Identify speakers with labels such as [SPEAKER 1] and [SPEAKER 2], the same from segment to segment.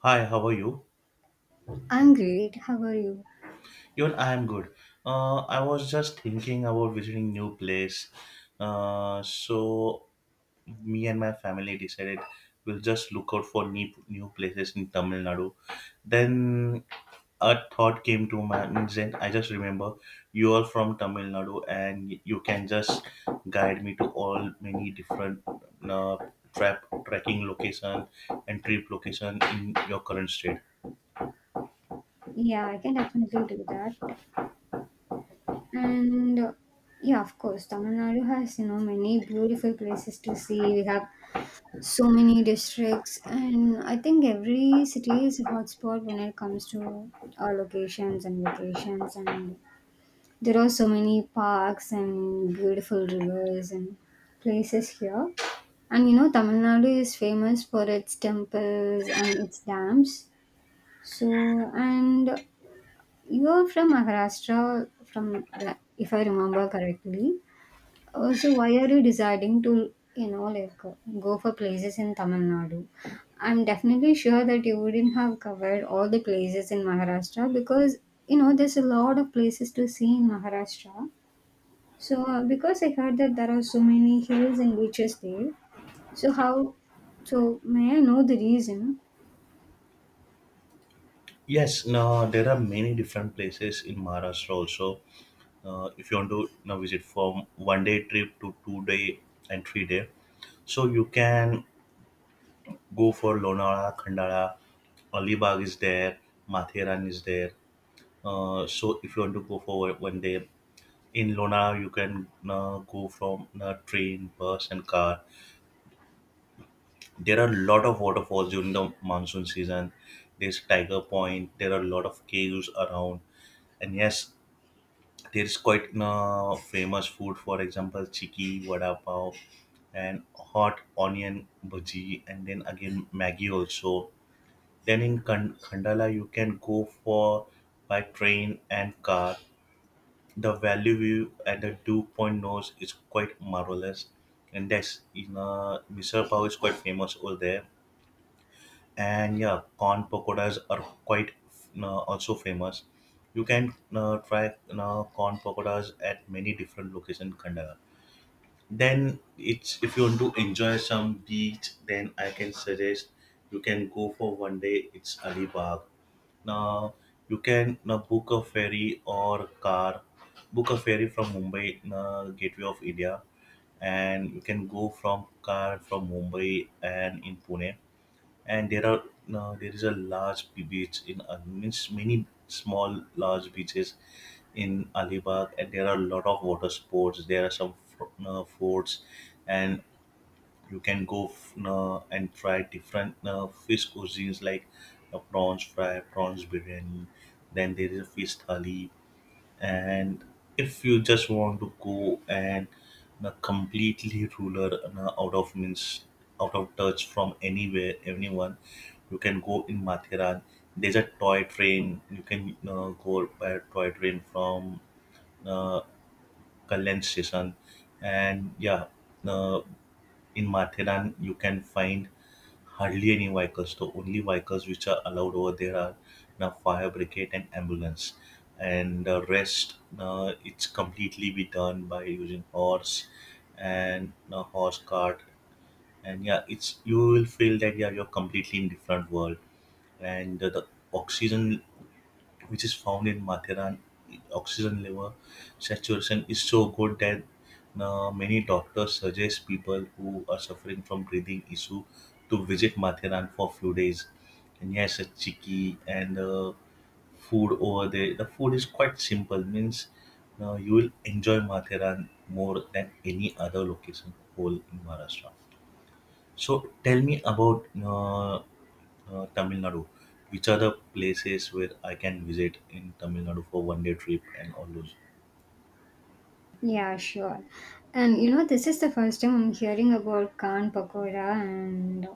[SPEAKER 1] Hi, how are you?
[SPEAKER 2] I'm great. How are you?
[SPEAKER 1] Even I am good. I was just thinking about visiting new place. So me and my family decided we'll just look out for new places in Tamil Nadu. Then a thought came to my then I just remember you are from Tamil Nadu, and you can just guide me to all many different uh, trap trekking location and trip location in your current state.
[SPEAKER 2] Yeah, I can definitely do that. And yeah, of course, Tamil Nadu has, many beautiful places to see. We have so many districts, and I think every city is a hotspot when it comes to our locations and vacations. And there are so many parks and beautiful rivers and places here. And Tamil Nadu is famous for its temples and its dams. So, and you're from Maharashtra, if I remember correctly. So why are you deciding to, like go for places in Tamil Nadu? I'm definitely sure that you wouldn't have covered all the places in Maharashtra because there's a lot of places to see in Maharashtra. So because I heard that there are so many hills and beaches there, so how? So may I know the reason?
[SPEAKER 1] Yes, now there are many different places in Maharashtra also. If you want to now visit from 1 day trip to 2 day and 3 day, so you can go for Lonavala, Khandala. Alibag is there, Matheran is there. So if you want to go for 1 day in Lonavala, you can go from train, bus, and car. There are a lot of waterfalls during the monsoon season. There's Tiger Point. There are a lot of caves around, and yes, there's quite famous food, for example, chiki, vada pav, and hot onion bhaji, and then again maggi also. Then in Khandala, you can go for by train and car. The valley view at the dew point nose is quite marvelous, and that's in Misal Pav is quite famous over there. And yeah, corn pakoras are quite also famous. You can try corn pakoras at many different locations in Kandahar. Then it's if you want to enjoy some beach, then I can suggest you can go for 1 day. It's Alibag. Now you can now book a ferry or car, book a ferry from Mumbai, Gateway of India. And you can go from car from Mumbai and in Pune. And there is a large beach in, means, many small large beaches in Alibag, and there are a lot of water sports. There are some forts, and you can go and try different fish cuisines like prawns fry, prawns biryani. Then there is a fish thali. And if you just want to go and na completely ruler na out of means out of touch from anywhere anyone, you can go in Mathiran. There's a toy train. You can go by a toy train from uh, Kalyan station. And yeah, uh, in Mathiran you can find hardly any vehicles. The only vehicles which are allowed over there are now fire brigade and ambulance, and the rest, it's completely be done by using horse and a horse cart. And yeah, it's you will feel that yeah you're completely in different world, and the oxygen which is found in Mathura, oxygen level saturation is so good that many doctors suggest people who are suffering from breathing issue to visit Mathiran for a few days. And yes, a chicky and food over there. The food is quite simple, means you will enjoy Mathiran more than any other location whole in Maharashtra. So tell me about Tamil Nadu. Which are the places where I can visit in Tamil Nadu for 1 day trip and all those?
[SPEAKER 2] Yeah, sure. And this is the first time I'm hearing about Khan Pakora, and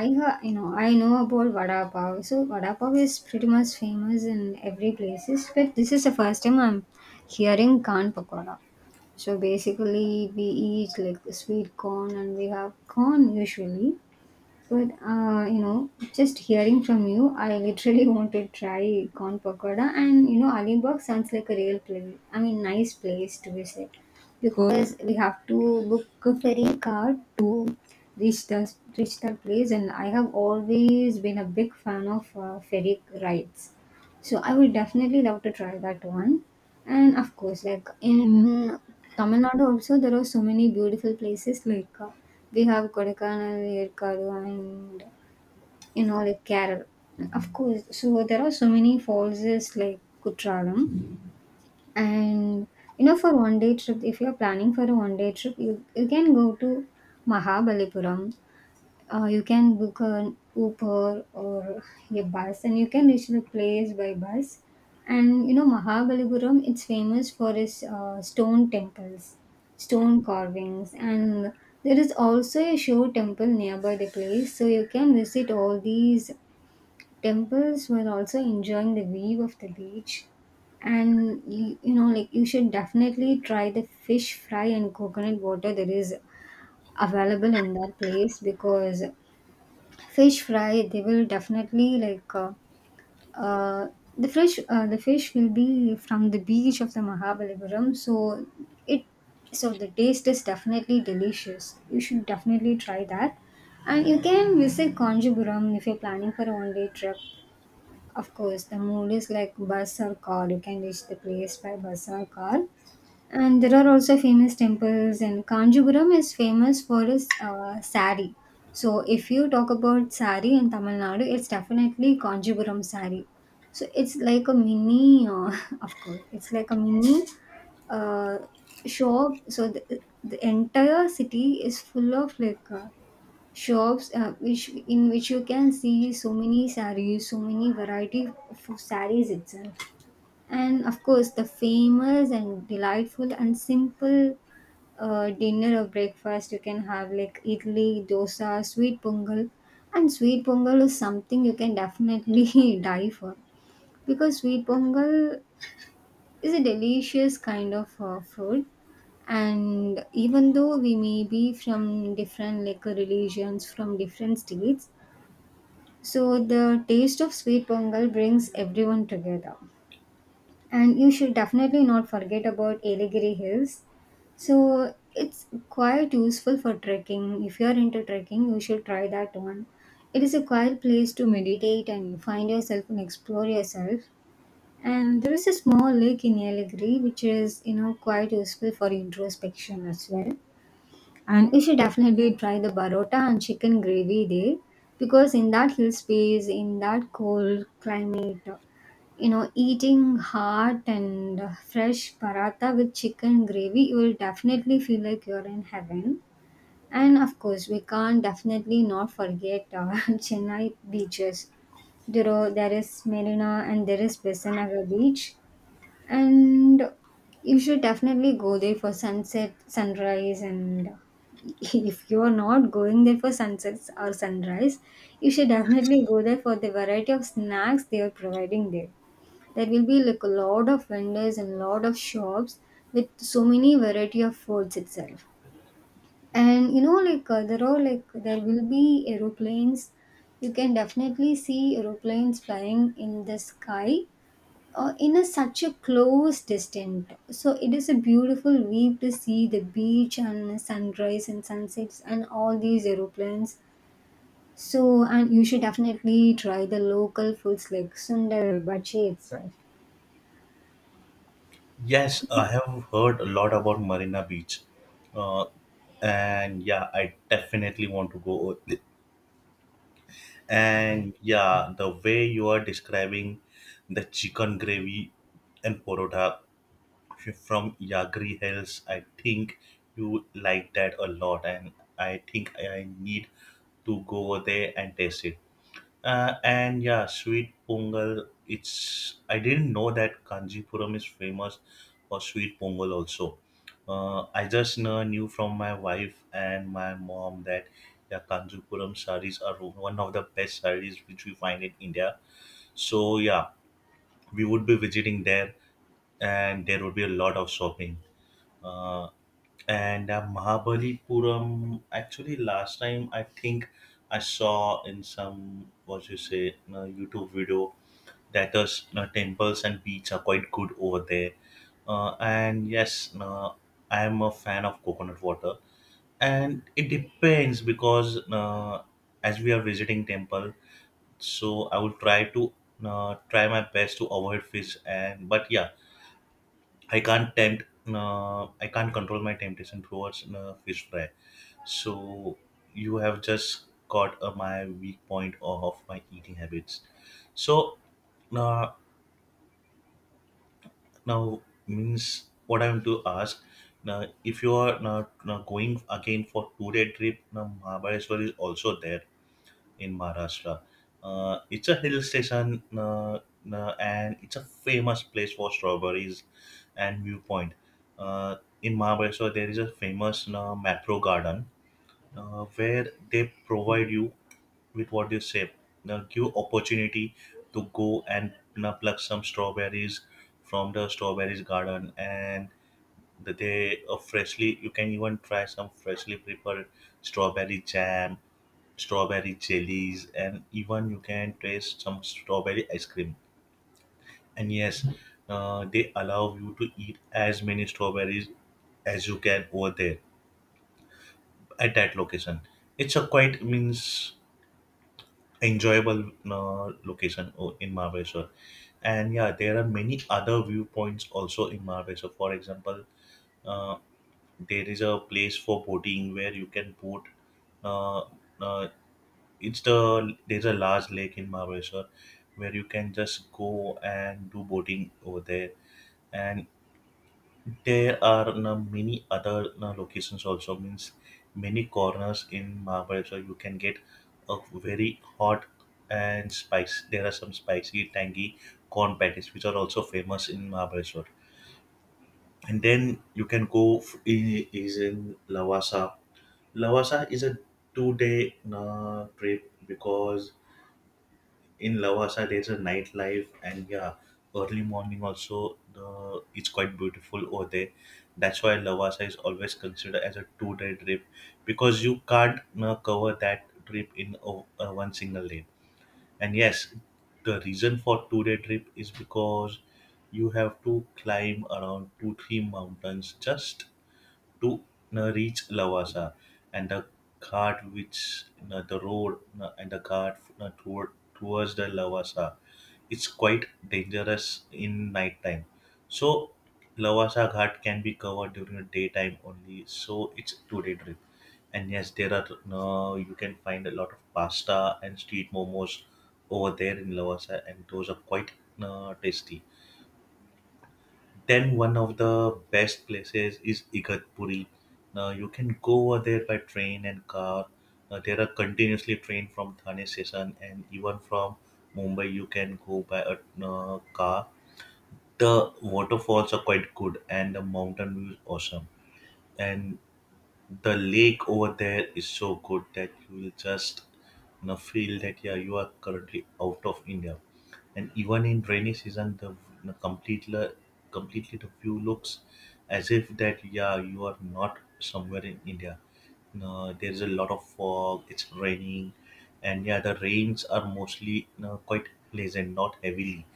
[SPEAKER 2] I know about Vada Pav. So Vada Pav is pretty much famous in every places, but this is the first time I'm hearing Khan Pakora. So basically, we eat like sweet corn, and we have corn usually, but just hearing from you, I literally want to try corn pakoda. And Alibag sounds like a real place. I mean, nice place to visit because we have to book a ferry car to reach the reach that place. And I have always been a big fan of ferry rides, so I would definitely love to try that one. And of course, like in Tamil Nadu also, there are so many beautiful places. Like we have Kodaikanal, Erkadu, and like Kerala. Of course, so there are so many falls is like Kutralam. And for one day trip, if you are planning for a one day trip, you can go to Mahabalipuram. You can book an Uber or a bus, and you can reach the place by bus. And Mahabalipuram, it's famous for its stone temples, stone carvings, and there is also a show temple nearby the place. So you can visit all these temples while also enjoying the view of the beach. And like you should definitely try the fish fry and coconut water that is available in that place because fish fry they will definitely like uh, the fish will be from the beach of the Mahabalipuram. So it so the taste is definitely delicious. You should definitely try that. And you can visit Kanjipuram if you're planning for a one day trip. Of course, the mode is like bus or car. You can reach the place by bus or car. And there are also famous temples, and Kanjipuram is famous for its sari. So, if you talk about sari in Tamil Nadu, it's definitely Kanjipuram sari. So, it's like a of course, it's like a mini uh, shop. So, the entire city is full of like shops which in which you can see so many saris, so many variety of saris itself. And of course, the famous and delightful and simple dinner or breakfast you can have like idli, dosa, sweet pongal. And sweet pongal is something you can definitely die for because sweet pongal is a delicious kind of food. And even though we may be from different like religions, from different states, so the taste of sweet pongal brings everyone together. And you should definitely not forget about Ailegiri Hills. So it's quite useful for trekking. If you are into trekking, you should try that one. It is a quiet place to meditate and find yourself and explore yourself. And there is a small lake in Ailegiri which is, quite useful for introspection as well. And you should definitely try the barota and chicken gravy there because in that hill space, in that cold climate, eating hot and fresh paratha with chicken gravy, you will definitely feel like you're in heaven. And of course, we can't definitely not forget Chennai beaches. There is Marina and there is Besanagar beach. And you should definitely go there for sunset, sunrise, and if you are not going there for sunsets or sunrise, you should definitely go there for the variety of snacks they are providing there. There will be like a lot of vendors and lot of shops with so many variety of foods itself. And like there are like there will be aeroplanes. You can definitely see aeroplanes flying in the sky in a such a close distance. So it is a beautiful view to see the beach and sunrise and sunsets and all these aeroplanes. So, and you should definitely try the local foods like sundar bhaji itself.
[SPEAKER 1] Yes, I have heard a lot about Marina Beach. Uh, and yeah, I definitely want to go. And yeah, the way you are describing the chicken gravy and porota from Yagri Hills, I think you like that a lot, and I think I need to go there and taste it. And yeah, sweet pongal. It's I didn't know that Kanjipuram is famous for sweet pongal also. I just knew from my wife and my mom that yeah, Kanjipuram saris are one of the best saris which we find in India. So yeah, we would be visiting there, and there would be a lot of shopping. Uh, and Mahabalipuram, actually, last time I think I saw in some, what you say, YouTube video, that those temples and beach are quite good over there. And yes, I am a fan of coconut water. And it depends because as we are visiting temple, so I will try my best to avoid fish. And but yeah, I can't tempt. I can't control my temptation towards fish fry. So you have just caught my weak point of my eating habits. So, uh, now means what I'm to ask. Now, if you are now going again for 2 day trip, now Mahabaleshwar is also there in Maharashtra. It's a hill station, and it's a famous place for strawberries and viewpoint. In Maharashtra, there is a famous macro garden, where they provide you with, what you say, give opportunity to go and pluck some strawberries from the strawberries garden. And that they freshly, you can even try some freshly prepared strawberry jam, strawberry jellies. And even you can taste some strawberry ice cream. And yes, they allow you to eat as many strawberries as you can over there at that location. It's a quite means enjoyable location in Mahabeshwar. And yeah, there are many other viewpoints also in Mahabeshwar, for example, uh, there is a place for boating where you can boat. Uh, uh, it's the there's a large lake in Maharashtra where you can just go and do boating over there, and there are, many other, locations also, means many corners in Maharashtra you can get a very hot and spice. There are some spicy, tangy corn patties which are also famous in Maharashtra. And then you can go is in Lavasa. Lavasa is a 2 day trip because in Lavasa there's a nightlife. And yeah, early morning also, the it's quite beautiful over there. That's why Lavasa is always considered as a 2 day trip because you can't cover that trip in one single day. And yes, the reason for 2 day trip is because you have to climb around two three mountains just to reach Lavasa, and cart which the road, and the cart, towards the Lavasa. It's quite dangerous in nighttime. So Lavasa Ghat can be covered during the daytime only. So it's 2-day trip. And yes, there are no you can find a lot of pasta and street momos over there in Lavasa, and those are quite tasty. Then one of the best places is Igatpuri. Now you can go over there by train and car. Now there are continuously train from Thane station, and even from Mumbai you can go by a car. The waterfalls are quite good and the mountain view is awesome. And the lake over there is so good that you will just feel that yeah you are currently out of India. And even in rainy season, know, completely completely the view looks as if that yeah you are not somewhere in India. You know, there is a lot of fog. It's raining, and yeah, the rains are mostly, quite pleasant, not heavily,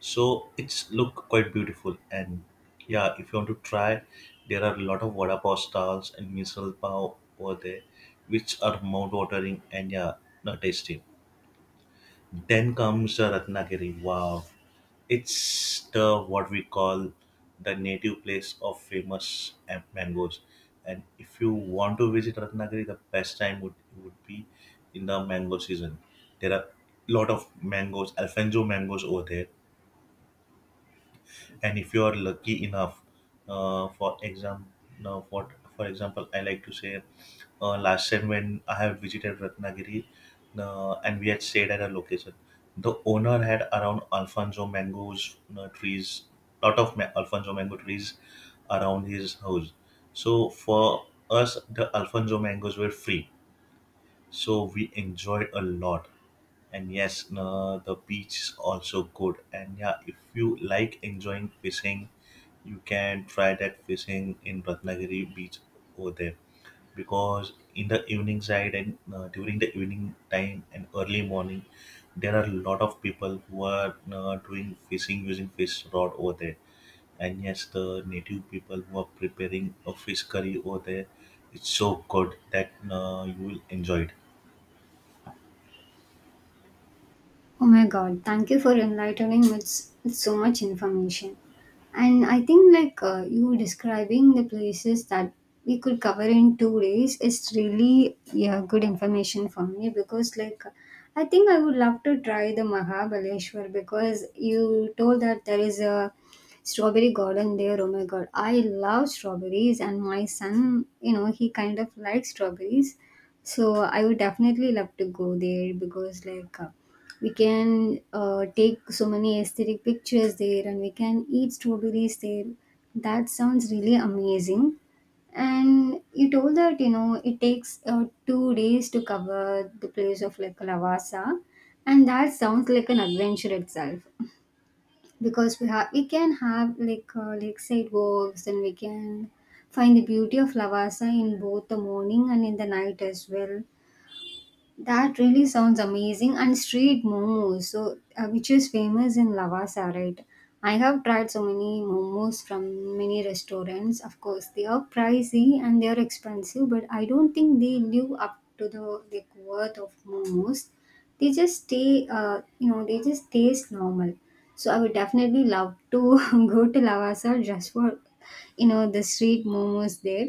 [SPEAKER 1] so it's look quite beautiful. And yeah, if you want to try, there are a lot of vada pav stalls and misal pav over there, which are mouth watering. And yeah, not tasty. Then comes the Ratnagiri. Wow, it's the, what we call, the native place of famous mangoes. And if you want to visit Ratnagiri, the best time would be in the mango season. There are lot of mangoes, Alfonso mangoes over there. And if you are lucky enough, for example, now for example I like to say, last time when I have visited Ratnagiri, and we had stayed at a location, the owner had around Alfonso mango trees around his house. So for us the Alfonso mangoes were free, so we enjoyed a lot. And yes, the beach is also good. And yeah, if you like enjoying fishing, you can try that fishing in Ratnagiri beach over there, because in the evening side and, during the evening time and early morning, there are a lot of people who are doing fishing using fish rod over there. And yes, the native people who are preparing a fish curry over there, it's so good that you will enjoy it.
[SPEAKER 2] Oh my god, thank you for enlightening me with so much information. And I think like you describing the places that we could cover in 2 days is really yeah good information for me because like I think I would love to try the Mahabaleshwar because you told that there is a strawberry garden there. Oh my god, I love strawberries and my son, he kind of likes strawberries. So I would definitely love to go there because like we can take so many aesthetic pictures there, and we can eat strawberries there. That sounds really amazing. And you told that it takes 2 days to cover the place of like Lavasa, and that sounds like an adventure itself because we can have like lakeside walks, and we can find the beauty of Lavasa in both the morning and in the night as well. That really sounds amazing. And street momos, so which is famous in Lavasa, right? I have tried so many momos from many restaurants. Of course, they are pricey and they are expensive, but I don't think they live up to the like worth of momos. They just stay, you know, they just taste normal. So I would definitely love to go to Lavasa just for the street momos there.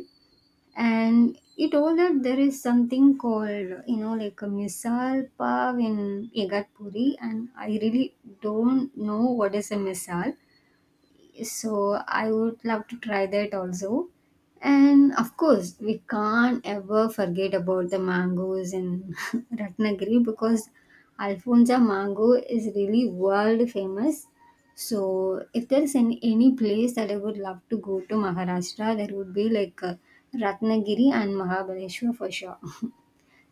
[SPEAKER 2] And he told that there is something called like a misal pav in Igatpuri, and I really don't know what is a misal. So I would love to try that also. And of course we can't ever forget about the mangoes in Ratnagiri because alfonza mango is really world famous. So if there is any place that I would love to go to Maharashtra, there would be like Ratnagiri and Mahabaleshwar for sure.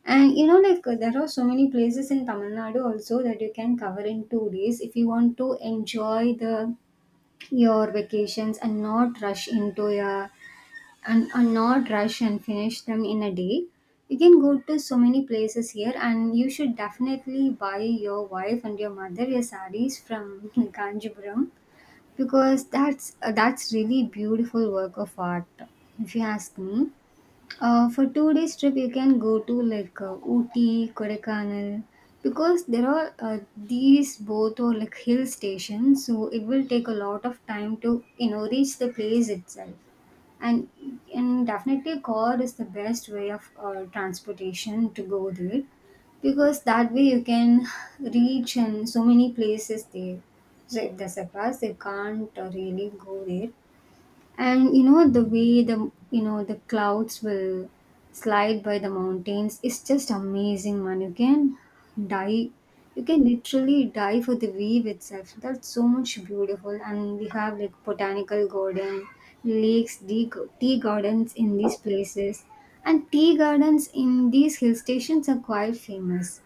[SPEAKER 2] And like there are so many places in Tamil Nadu also that you can cover in 2 days if you want to enjoy the your vacations and not rush into your and not rush and finish them in a day. You can go to so many places here, and you should definitely buy your wife and your mother your sarees from Kanjipuram because that's really beautiful work of art if you ask me. For 2 days trip, you can go to like Ooty, Kodaikanal, because there are these both are like hill stations, so it will take a lot of time to reach the place itself. And and definitely, car is the best way of transportation to go there because that way you can reach in so many places there. So if there's a bus, you can't really go there. And you know the way the you know the clouds will slide by the mountains is just amazing, man. Die you can literally die for the wave itself. That's so much beautiful. And we have like botanical garden, lakes, tea gardens in these places. And tea gardens in these hill stations are quite famous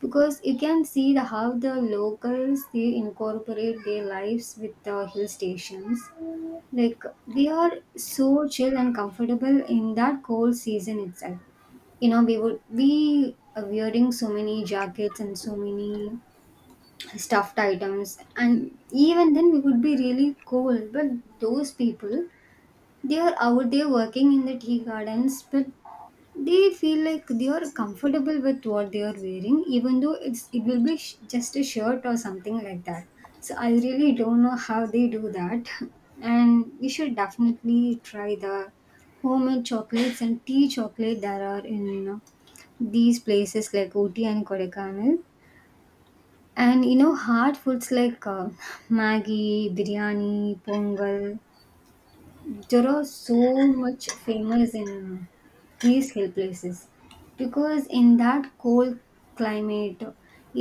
[SPEAKER 2] because you can see how the locals they incorporate their lives with the hill stations, like they are so chill and comfortable in that cold season itself. We are wearing so many jackets and so many stuffed items, and even then we would be really cold. But those people, they are out there working in the tea gardens, but they feel like they are comfortable with what they are wearing, even though it will be just a shirt or something like that. So I really don't know how they do that. And we should definitely try the homemade chocolates and tea chocolate that are in these places like Ooty and Kodaikanal. And you know, hard foods like Maggi, biryani, pongal, there are so much famous in these hill places because in that cold climate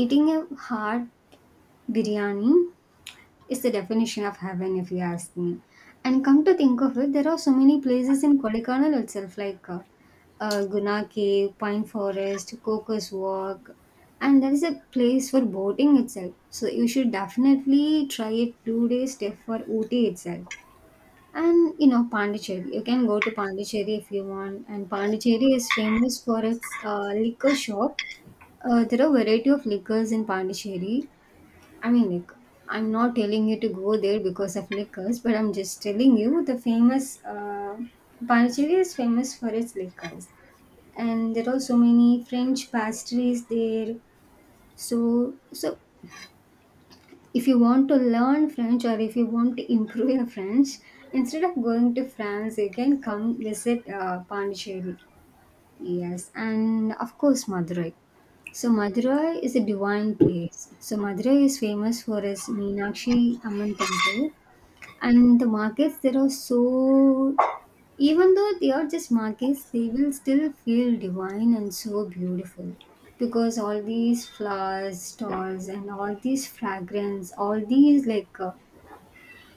[SPEAKER 2] eating a hot biryani is the definition of heaven if you ask me. And come to think of it, there are so many places in Kodaikanal itself like Guna Cave, Pine Forest, Cocos Walk, and there is a place for boating itself. So you should definitely try a two-day stay for Ooty itself. And you know, Pondicherry. You can go to Pondicherry if you want. And Pondicherry is famous for its liquor shop. There are variety of liquors in Pondicherry. I mean, like, I'm not telling you to go there because of liquors, but I'm just telling you the famous, Pondicherry is famous for its liquors. And there are so many French pastries there. So if you want to learn French or if you want to improve your French, instead of going to France, you can come visit Pondicherry. Yes, and of course Madurai. So Madurai is a divine place. So Madurai is famous for its Meenakshi Amman temple, and the markets there are so, even though they are just markets, they will still feel divine and so beautiful because all these flowers, stalls and all these fragrance, all these like,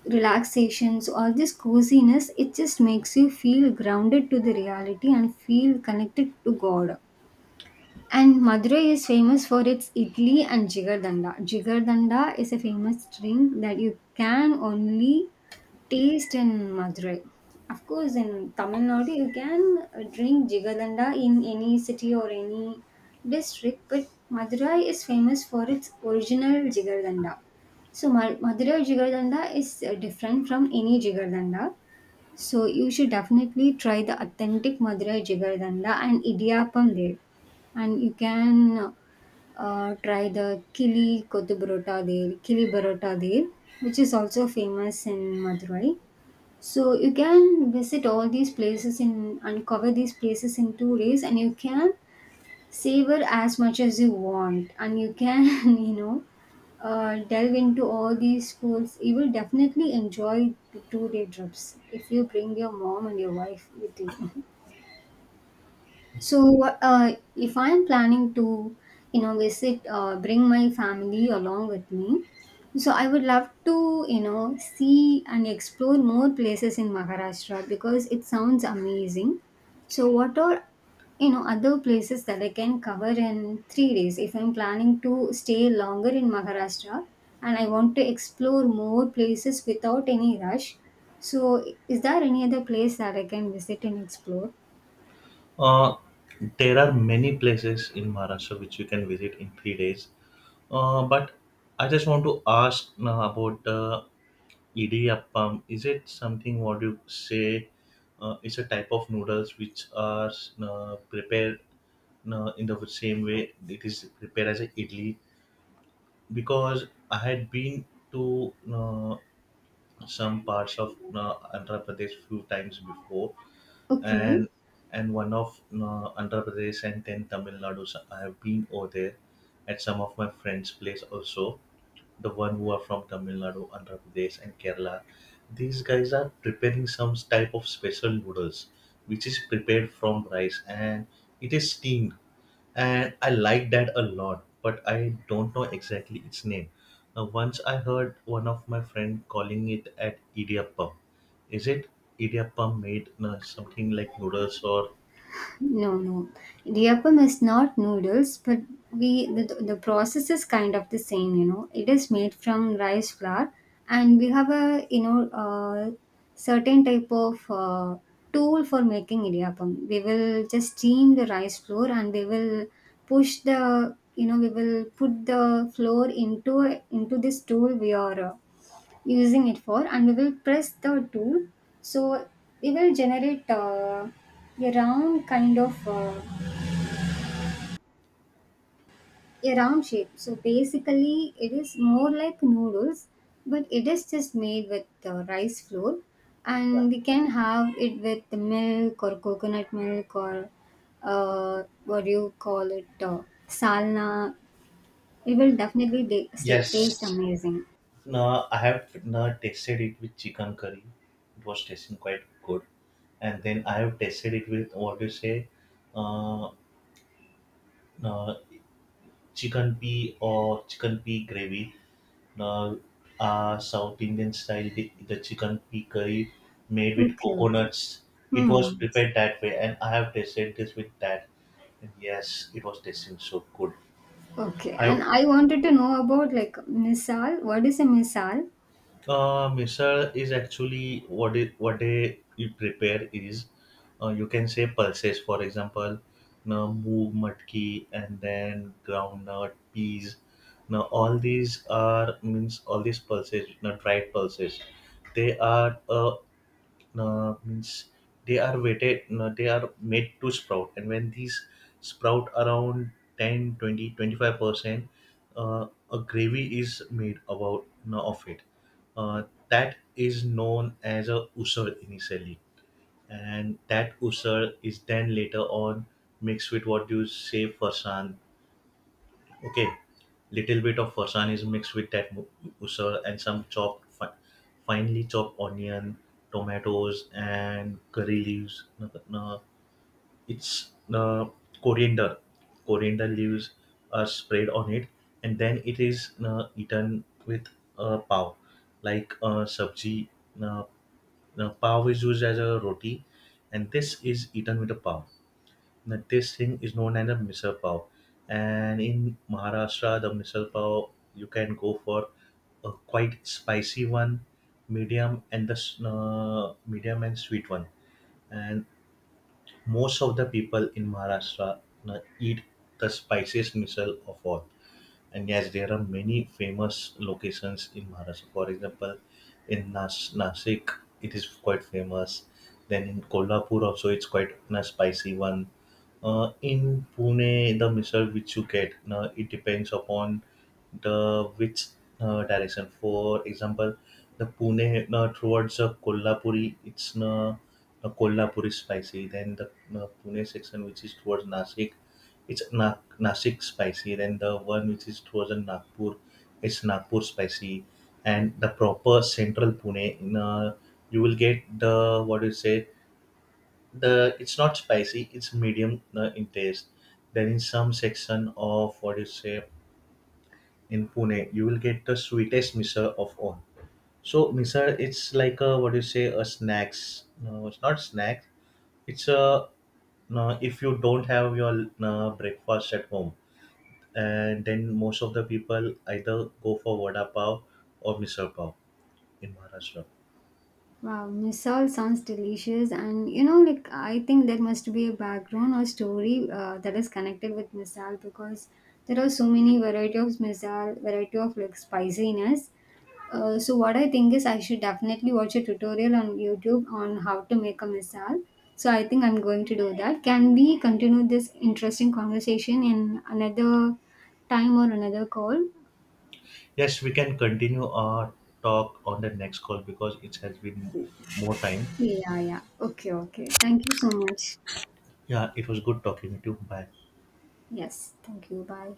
[SPEAKER 2] relaxations, all this coziness, it just makes you feel grounded to the reality and feel connected to God. And Madurai is famous for its idli and jigardanda. Jigardanda is a famous drink that you can only taste in Madurai. Of course, in Tamil Nadu, you can drink Jigalanda in any city or any district, but Madurai is famous for its original Jigalanda. So, Madurai Jigalanda is different from any Jigalanda. So, you should definitely try the authentic Madurai Jigalanda and Idiyappam there. And you can try the Kili Kottu Burota there, Kili Burota there, which is also famous in Madurai. So you can visit all these places in uncover these places in 2 days, and you can savor as much as you want, and you can you know delve into all these foods. You will definitely enjoy the 2 day trips if you bring your mom and your wife with you. So, if I am planning to, you know, visit, bring my family along with me, so I would love to, you know, see and explore more places in Maharashtra because it sounds amazing. So, what are, you know, other places that I can cover in 3 days if I'm planning to stay longer in Maharashtra and I want to explore more places without any rush? So, is there any other place that I can visit and explore?
[SPEAKER 1] Uh, there are many places in Maharashtra which you can visit in 3 days. But I just want to ask now about, idiyappam. Is it something, what you say? It's a type of noodles which are prepared, in the same way it is prepared as a idli. Because I had been to some parts of Andhra Pradesh few times before,
[SPEAKER 2] Okay.
[SPEAKER 1] and and one of Andhra Pradesh and then Tamil Nadu. So I have been over there at some of my friends' place also. The one who are from Tamil Nadu, Andhra Pradesh, and Kerala. These guys are preparing some type of special noodles, which is prepared from rice and it is steamed, and I like that a lot, but I don't know exactly its name. Now, once I heard one of my friend calling it at idiyappam. Is it idiyappam made something like noodles or?
[SPEAKER 2] No, no. The is not noodles, but the process is kind of the same, you know. It is made from rice flour, and we have a, you know, certain type of tool for making idiyappam. We will just steam the rice flour, and we will push the, you know, we will put the flour into this tool we are using it for, and we will press the tool, so we will generate a round kind of a round shape. So basically it is more like noodles, but it is just made with rice flour,
[SPEAKER 1] Yeah.
[SPEAKER 2] and we can have it with the milk or coconut milk or what do you call it, salna. It will definitely stay, taste
[SPEAKER 1] Yes.
[SPEAKER 2] amazing.
[SPEAKER 1] No, I have now tasted it with chicken curry. It was tasting quite good, and then I have tasted it with what do you say, uh, uh, chicken pea or chicken pea gravy. uh, South Indian style, the chicken pea curry made with
[SPEAKER 2] Okay, okay.
[SPEAKER 1] coconuts. It was
[SPEAKER 2] Hmm.
[SPEAKER 1] prepared that way, and I have tasted this with that. And yes, it was tasting so good.
[SPEAKER 2] Okay,
[SPEAKER 1] I
[SPEAKER 2] and I wanted to know about, like, misal. What is a misal?
[SPEAKER 1] Misal is actually what it what they you prepare is, you can say pulses. For example, now moog matki and then groundnut peas. Now all these are means all these pulses, now dried pulses. They are a. Means they are waited no, they are made to sprout, and when these sprout around 10, 20, 25%, uh, a gravy is made about no, of it uh, that is known as a usur initially, and that usur is then later on mixed with what you say farsan. Okay, little bit of farsan is mixed with that usur and some finely chopped onion, tomatoes, and curry leaves. No, no, it's coriander. Coriander leaves are spread on it, and then it is eaten with pav, like sabji. Uh, Pav is used as a roti, and this is eaten with a pav. Nitesh Singh is known as a misal pav, and in Maharashtra, the misal pav you can go for a quite spicy one, medium, and medium and sweet one. And most of the people in Maharashtra eat the spiciest misal of all. And yes, there are many famous locations in Maharashtra. For example, in Nasik, it is quite famous. Then in Kolhapur also, it's quite a spicy one. In Pune, the misal which you get, it depends upon the which direction. For example, the Pune towards the Kolhapuri, it's a Kolhapuri spicy. Then the Pune section, which is towards Nasik, it's Nasik spicy. Then the one which is towards the Nagpur, it's Nagpur spicy, and the proper central Pune. In you will get the what do you say? The it's not spicy. It's medium in taste. Then in some section of what do you say in Pune, you will get the sweetest misal of all. So misal, it's like a what do you say a snacks. No, it's not snack. It's a no, if you don't have your breakfast at home, and then most of the people either go for vada pav or misal pav in Maharashtra.
[SPEAKER 2] Wow, misal sounds delicious, and you know, like, I think there must be a background or story that is connected with misal because there are so many variety of misal, variety of like spiciness. So what I think is I should definitely watch a tutorial on YouTube on how to make a misal. So I think I'm going to do that. Can we continue this interesting conversation in another time or another call?
[SPEAKER 1] Yes, we can continue our talk on the next call because it has been more time.
[SPEAKER 2] Yeah, yeah. Okay, okay. Thank you so much.
[SPEAKER 1] Yeah, it was good talking to you. Bye.
[SPEAKER 2] Yes, thank you. Bye.